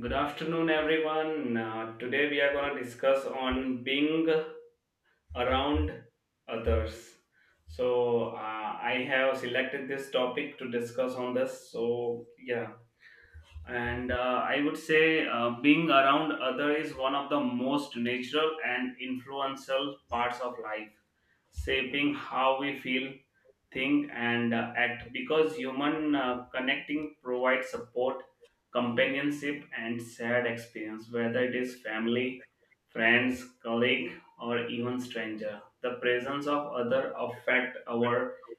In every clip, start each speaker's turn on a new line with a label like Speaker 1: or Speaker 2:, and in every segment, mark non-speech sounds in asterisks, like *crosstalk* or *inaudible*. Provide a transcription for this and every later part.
Speaker 1: Good afternoon, everyone. Today we are going to discuss on being around others. So uh, I have selected this topic to discuss on this. So yeah, and I would say being around other is one of the most natural and influential parts of life, shaping how we feel, think, and act, because human connecting provides support, companionship, and shared experience. Whether it is family, friends, colleague, or even stranger, the presence of other affect our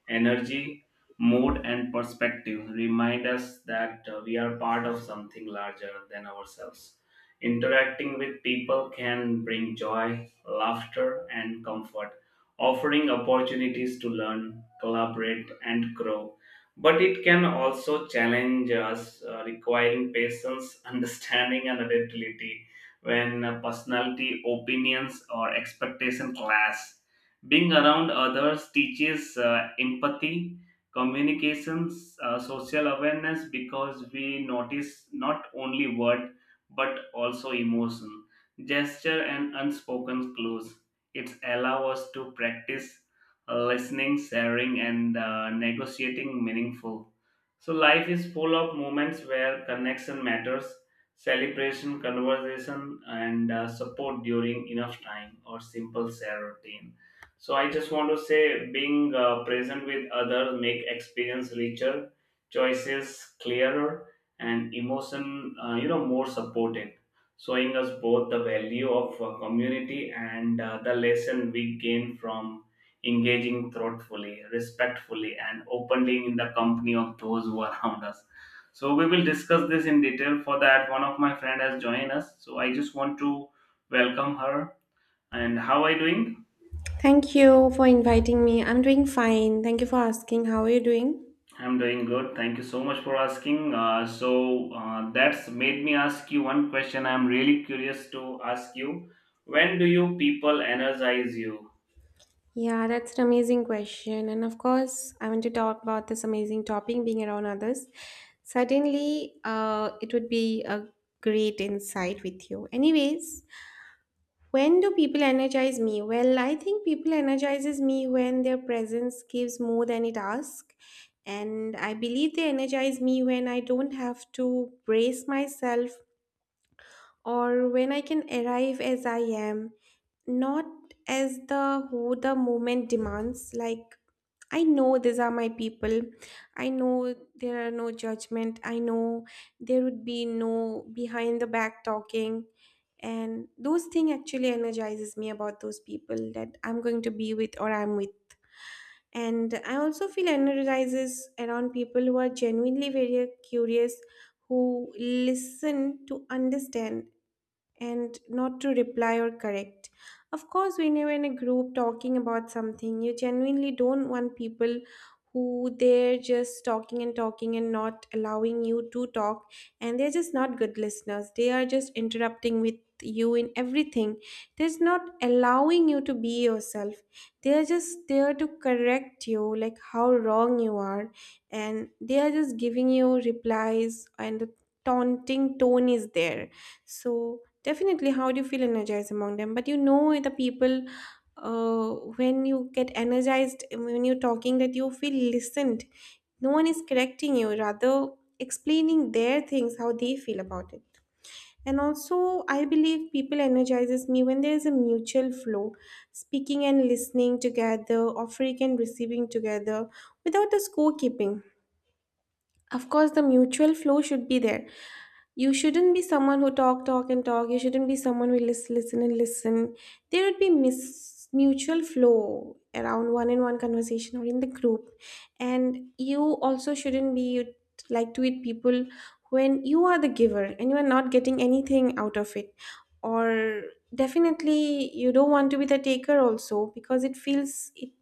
Speaker 1: energy, mode, and perspective, remind us that we are part of something larger than ourselves. Interacting with people can bring joy, laughter, and comfort, offering opportunities to learn, collaborate, and grow. But it can also challenge us, requiring patience, *laughs* understanding, and adaptability when personality, opinions, or expectation clash. Being around others teaches empathy, communications, social awareness, because we notice not only word, but also emotion, gesture, and unspoken clues. It allow us to practice listening, sharing, and negotiating meaningful. So life is full of moments where connection matters, celebration, conversation, and support during enough time or simple share routine. So I just want to say, being present with others make experience richer, choices clearer, and emotion more supported, showing us both the value of community and the lesson we gain from engaging thoughtfully, respectfully, and openly in the company of those who are around us. So we will discuss this in detail. For that, one of my friend has joined us. So I just want to welcome her. And how are you doing?
Speaker 2: Thank you for inviting me. I'm doing fine. Thank you for asking. How are you doing?
Speaker 1: I'm doing good. Thank you so much for asking. That's made me ask you one question. I'm really curious to ask you. When do you people energize you?
Speaker 2: Yeah, that's an amazing question. And of course, I want to talk about this amazing topic being around others. Certainly, it would be a great insight with you. Anyways, when do people energize me? Well, I think people energizes me when their presence gives more than it asks. And I believe they energize me when I don't have to brace myself, or when I can arrive as I am, not as the who the moment demands. Like, I know these are my people. I know there are no judgment. I know there would be no behind the back talking. And those things actually energizes me about those people that I'm going to be with or I'm with. And I also feel energizes around people who are genuinely very curious, who listen to understand and not to reply or correct. Of course, when you're in a group talking about something, you genuinely don't want people who they're just talking and talking and not allowing you to talk, and they're just not good listeners. They are just interrupting with you in everything. They're not allowing you to be yourself. They're just there to correct you, like how wrong you are, and they are just giving you replies, and the taunting tone is there. So definitely, how do you feel energized among them? But the people, uh, when you get energized, when you're talking, that you feel listened. No one is correcting you, rather, explaining their things, how they feel about it. And also, I believe people energizes me when there is a mutual flow, speaking and listening together, offering and receiving together, without the scorekeeping. Of course, the mutual flow should be there. You shouldn't be someone who talk, talk, and talk. You shouldn't be someone who listen, listen, and listen. There would be mutual flow around one in one conversation or in the group, and you also shouldn't be like to it people when you are the giver and you are not getting anything out of it, or definitely you don't want to be the taker also, because it feels it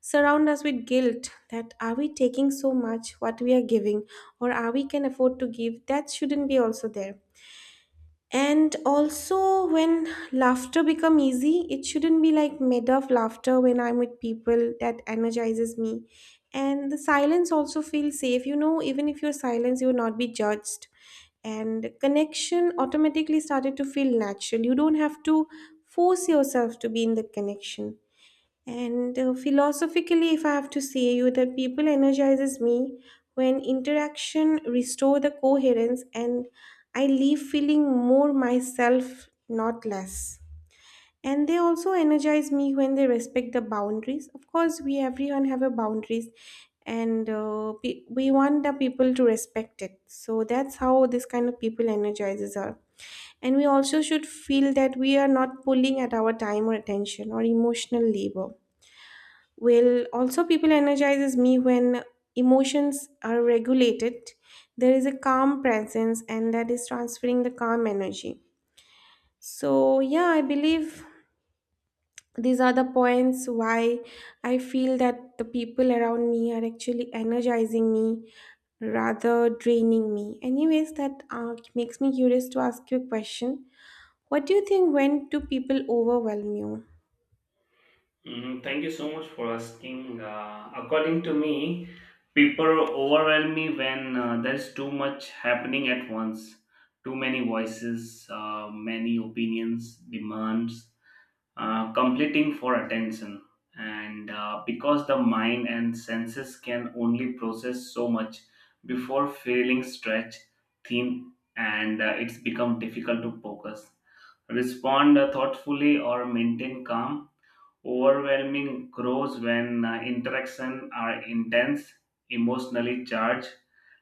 Speaker 2: surround us with guilt that are we taking so much what we are giving, or are we can afford to give, that shouldn't be also there. And also, when laughter become easy, it shouldn't be like made of laughter when I'm with people that energizes me. And the silence also feels safe, even if you're silent you will not be judged. And connection automatically started to feel natural. You don't have to force yourself to be in the connection. And philosophically, if I have to say you, the people energizes me when interaction restore the coherence, and I leave feeling more myself, not less. And they also energize me when they respect the boundaries. Of course, we everyone have a boundaries, and we want the people to respect it. So that's how this kind of people energizes us. And we also should feel that we are not pulling at our time or attention or emotional labor. Well, also people energizes me when emotions are regulated. There is a calm presence, and that is transferring the calm energy. So yeah, I believe these are the points why I feel that the people around me are actually energizing me rather draining me. Anyways, that makes me curious to ask you a question. What do you think, when do people overwhelm you?
Speaker 1: Mm, thank you so much for asking. According to me, people overwhelm me when there's too much happening at once. Too many voices, many opinions, demands, completing for attention. And because the mind and senses can only process so much before feeling stretched, thin, and it's become difficult to focus, respond thoughtfully, or maintain calm. Overwhelming grows when interactions are intense, emotionally charged,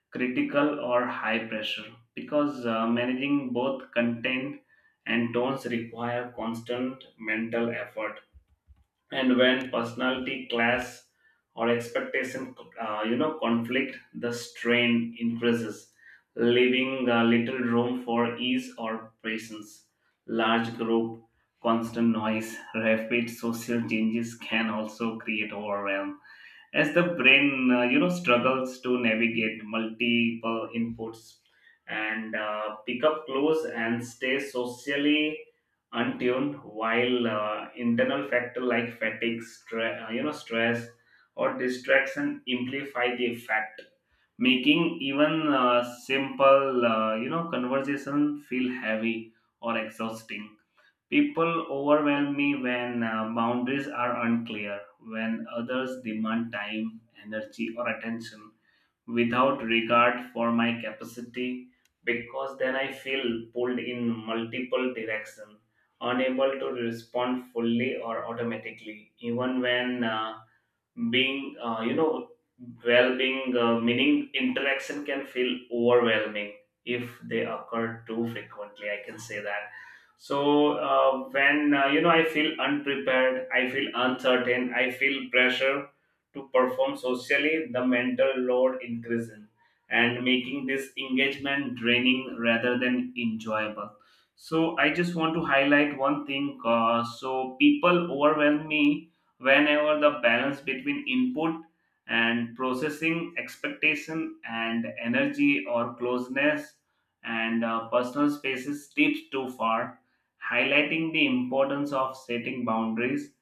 Speaker 1: critical, or high pressure. Because managing both content and tones require constant mental effort, and when personality class or expectation conflict, the strain increases, leaving little room for ease or patience. Large group, constant noise, rapid social changes can also create overwhelm, as the brain struggles to navigate multiple inputs and pick up clues and stay socially untuned, while internal factor like fatigue, stress or distraction amplify the effect, making even simple conversation feel heavy or exhausting. People overwhelm me when boundaries are unclear, when others demand time, energy, or attention without regard for my capacity, because then I feel pulled in multiple directions, unable to respond fully or automatically, even when being, well being, meaning interaction can feel overwhelming if they occur too frequently. I can say that. So, when I feel unprepared, I feel uncertain, I feel pressure to perform socially, the mental load increases and making this engagement draining rather than enjoyable. So I just want to highlight one thing. So people overwhelm me whenever the balance between input and processing, expectation and energy, or closeness and personal spaces slips too far, highlighting the importance of setting boundaries,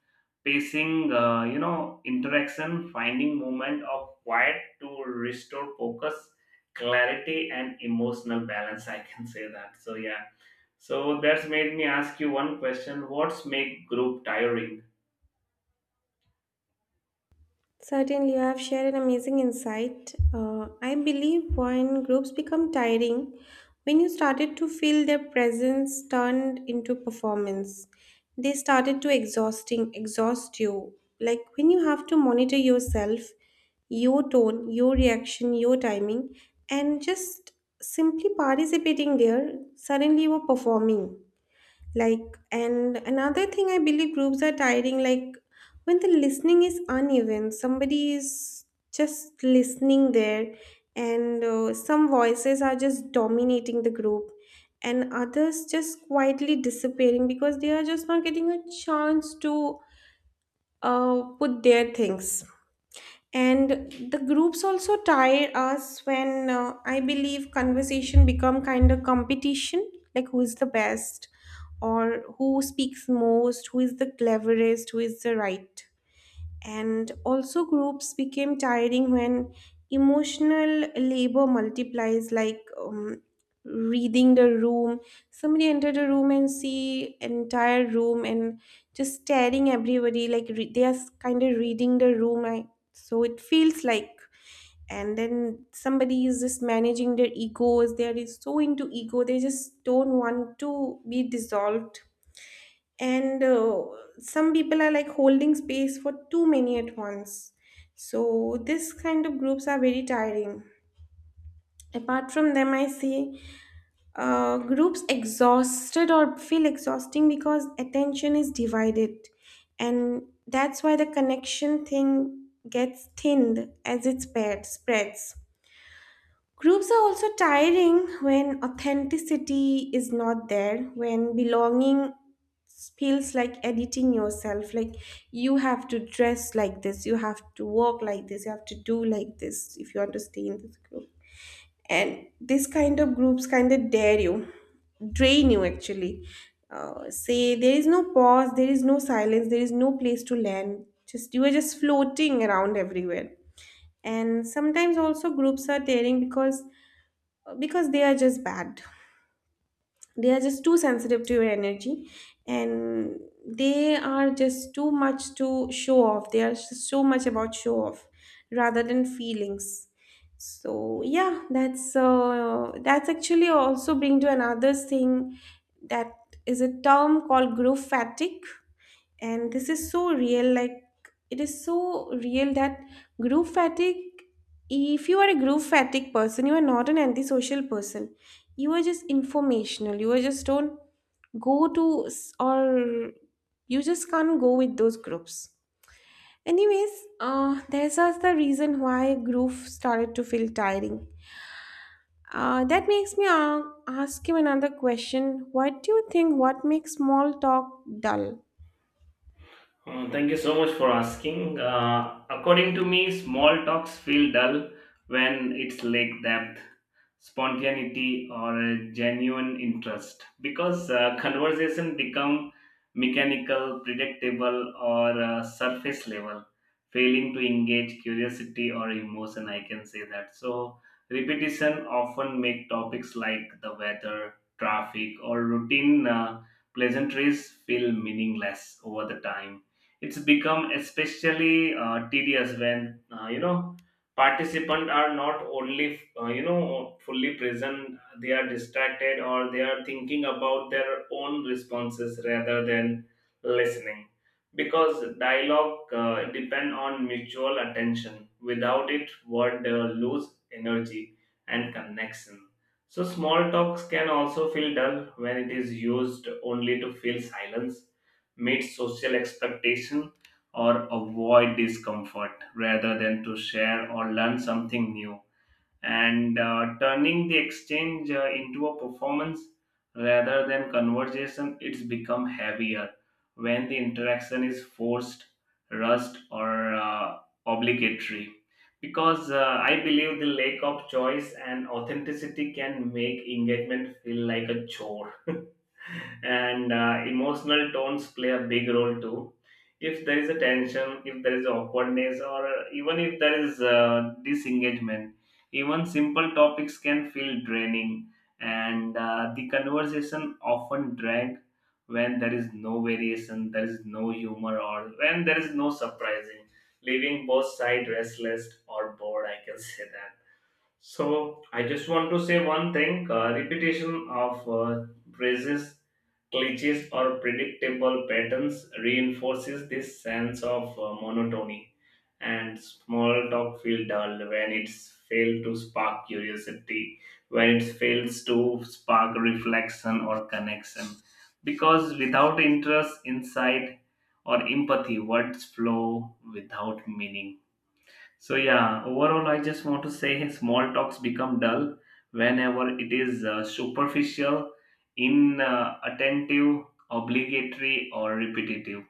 Speaker 1: pacing, interaction, finding moment of quiet to restore focus, clarity, and emotional balance. I can say that. So yeah. So that's made me ask you one question: what's make group tiring?
Speaker 2: Certainly, you have shared an amazing insight. I believe when groups become tiring, when you started to feel their presence turned into performance, they started to exhaust you. Like, when you have to monitor yourself, your tone, your reaction, your timing, and just simply participating there, suddenly you are performing. Like, and another thing, I believe groups are tiring, like when the listening is uneven, somebody is just listening there, and some voices are just dominating the group, and others just quietly disappearing because they are just not getting a chance to put their things. And the groups also tire us when I believe conversation become kind of competition, like who is the best, or who speaks most, who is the cleverest, who is the right. And also, groups became tiring when emotional labor multiplies, like reading the room. Somebody entered a room and see entire room and just staring everybody, like they are kind of reading the room. I, so it feels like, and then somebody is just managing their egos, they are so into ego they just don't want to be dissolved, and some people are like holding space for too many at once. So this kind of groups are very tiring. Apart from them, I see, groups exhausted or feel exhausting because attention is divided, and that's why the connection thing gets thinned as it spreads. Groups are also tiring when authenticity is not there, when belonging feels like editing yourself. Like, you have to dress like this, you have to walk like this, you have to do like this, if you want to stay in this group. And this kind of groups kind of dare you, drain you actually. Say there is no pause, there is no silence, there is no place to land. Just you are just floating around everywhere. And sometimes also groups are tearing because they are just bad, they are just too sensitive to your energy, and they are just too much to show off, they are just so much about show off rather than feelings. So yeah, that's actually also bring to another thing, that is a term called growth fatigue. And this is so real. Like, it is so real that group fatigue, if you are a group fatigue person, you are not an antisocial person, you are just informational, you are just don't go to or you just can't go with those groups. Anyways, there's also the reason why group started to feel tiring. That makes me ask you another question: what do you think, what makes small talk dull?
Speaker 1: Thank you so much for asking. According to me, small talks feel dull when it's lack depth, spontaneity, or a genuine interest, because conversation become mechanical, predictable, or surface level, failing to engage curiosity or emotion. I can say that. So repetition often make topics like the weather, traffic, or routine pleasantries feel meaningless over the time. It's become especially tedious when participants are not only fully present, they are distracted or they are thinking about their own responses rather than listening, because dialogue depend on mutual attention. Without it, word lose energy and connection. So small talks can also feel dull when it is used only to fill silence, meet social expectation, or avoid discomfort rather than to share or learn something new, and turning the exchange into a performance rather than conversation. It's become heavier when the interaction is forced, rushed, or obligatory, because I believe the lack of choice and authenticity can make engagement feel like a chore. *laughs* And emotional tones play a big role too. If there is a tension, if there is awkwardness, or even if there is disengagement, even simple topics can feel draining, and the conversation often drag when there is no variation, there is no humor, or when there is no surprising, leaving both side restless or bored. I can say that. So I just want to say one thing: repetition of phrases, glitches, or predictable patterns reinforces this sense of monotony, and small talk feel dull when it's failed to spark curiosity, when it fails to spark reflection or connection, because without interest, insight, or empathy, words flow without meaning. So yeah, overall, I just want to say small talks become dull whenever it is superficial, inattentive, obligatory, or repetitive.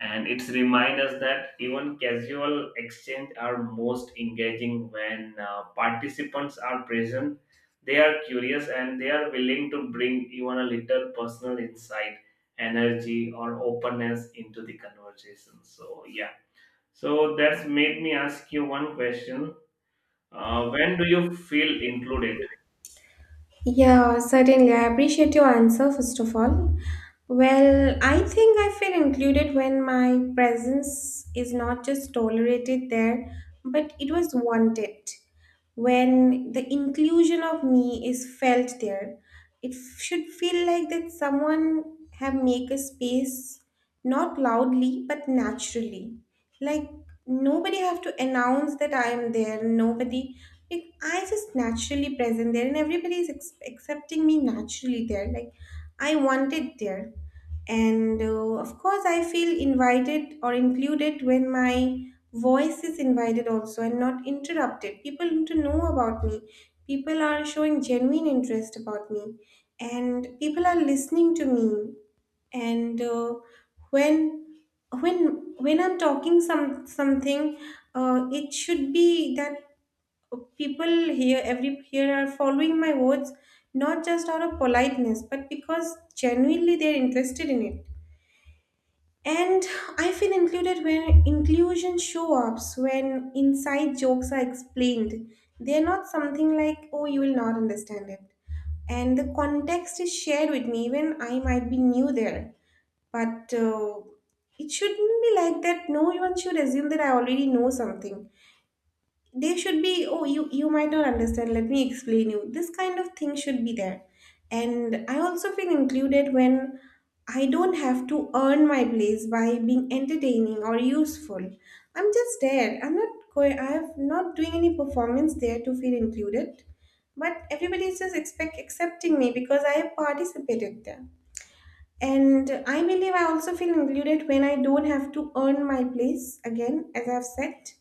Speaker 1: And it's remind us that even casual exchange are most engaging when participants are present. They are curious and they are willing to bring even a little personal insight, energy, or openness into the conversation. So yeah. So that's made me ask you one question. When do you feel included?
Speaker 2: Yeah, certainly. I appreciate your answer, first of all. Well, I think I feel included when my presence is not just tolerated there, but it was wanted. When the inclusion of me is felt there, it should feel like that someone have make a space, not loudly but naturally. Like, nobody have to announce that I am there. Nobody, if I just naturally present there and everybody is accepting me naturally there, like I wanted there. And of course, I feel invited or included when my voice is invited also and not interrupted. People need to know about me. People are showing genuine interest about me, and people are listening to me. And when when I'm talking something, it should be that people here every here are following my words, not just out of politeness but because genuinely they're interested in it. And I feel included when inclusion show ups, when inside jokes are explained, they're not something like, oh, you will not understand it. And the context is shared with me when I might be new there, but it shouldn't be like that no one should assume that I already know something. There should be, oh, you might not understand, let me explain you, this kind of thing should be there. And I also feel included when I don't have to earn my place by being entertaining or useful. I'm just there. I'm not going, I'm not doing any performance there to feel included, but everybody is just expect accepting me because I have participated there. And I believe I also feel included when I don't have to earn my place again, as I've said.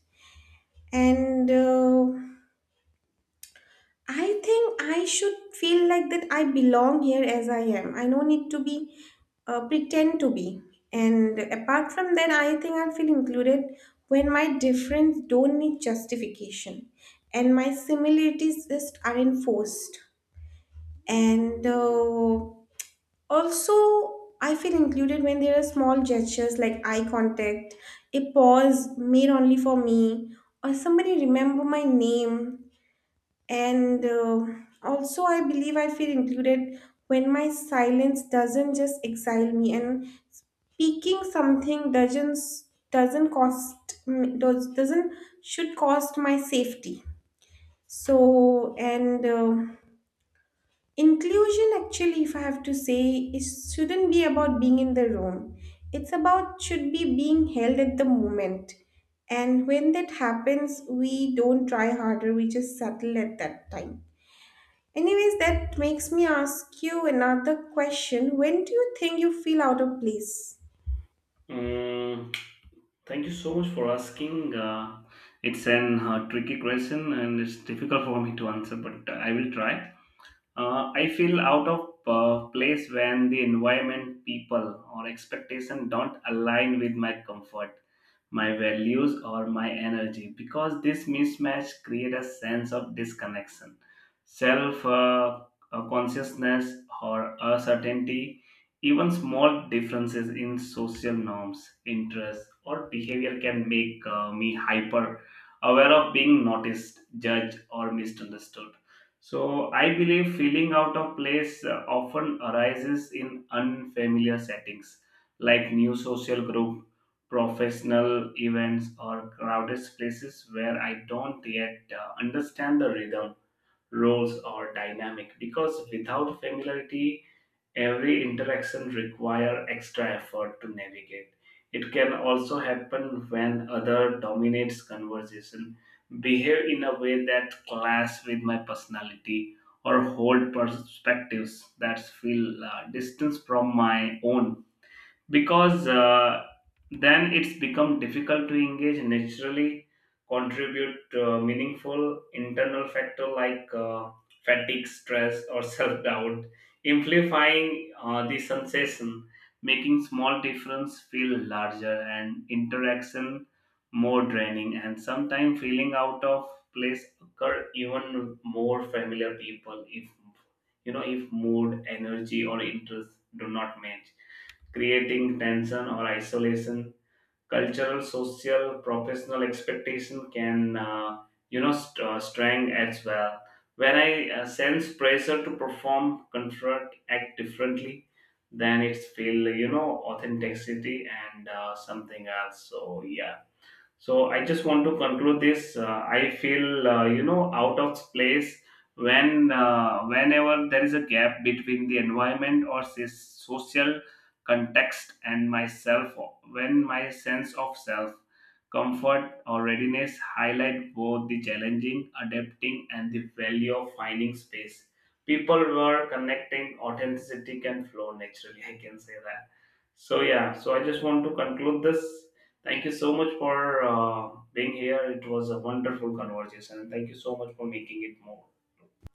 Speaker 2: And I think I should feel like that I belong here as I am. I don't need to be pretend to be. And apart from that, I think I feel included when my difference don't need justification, and my similarities just aren't forced. And also, I feel included when there are small gestures like eye contact, a pause made only for me, or somebody remember my name. And also, I believe I feel included when my silence doesn't just exile me, and speaking something doesn't cost doesn't should cost my safety. So, and inclusion actually, if I have to say, it shouldn't be about being in the room. It's about should be being held at the moment. And when that happens, we don't try harder, we just settle at that time. Anyways, that makes me ask you another question: when do you think you feel out of place?
Speaker 1: Mm, thank you so much for asking. It's an tricky question and it's difficult for me to answer, but I will try. I feel out of place when the environment, people, or expectation don't align with my comfort, my values, or my energy, because this mismatch create a sense of disconnection, self consciousness, or uncertainty. Even small differences in social norms, interests, or behavior can make me hyper aware of being noticed, judged, or misunderstood. So I believe feeling out of place often arises in unfamiliar settings like new social group, professional events, or crowded places where I don't yet understand the rhythm, roles, or dynamic, because without familiarity every interaction requires extra effort to navigate. It can also happen when other dominates conversation, behave in a way that clash with my personality, or hold perspectives that feel distance from my own, because then it's become difficult to engage naturally, contribute meaningful. Internal factor like fatigue, stress, or *laughs* self-doubt amplifying the sensation, making small difference feel larger and interaction more draining. And sometimes feeling out of place occur even with more familiar people if, you know, if mood, energy, or interest do not match, creating tension or isolation. Cultural, social, professional expectation can, strain as well. When I sense pressure to perform, confront, act differently, then it's feel, you know, authenticity and something else. So yeah, so I just want to conclude this. I feel out of place when whenever there is a gap between the environment, or say, social context and myself. When my sense of self, comfort, or readiness highlight both the challenging, adapting, and the value of finding space. People were connecting authenticity can flow naturally. *laughs* I can say that. So yeah. So I just want to conclude this. Thank you so much for being here. It was a wonderful conversation. Thank you so much for making it more.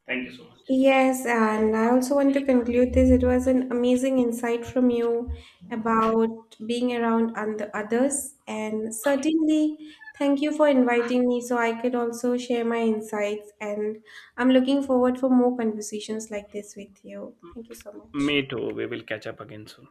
Speaker 1: Thank you so much.
Speaker 2: Yes, and I also want to conclude this. It was an amazing insight from you about being around and the others, and certainly thank you for inviting me so I could also share my insights. And I'm looking forward for more conversations like this with you. Thank you so much.
Speaker 1: Me too. We will catch up again soon.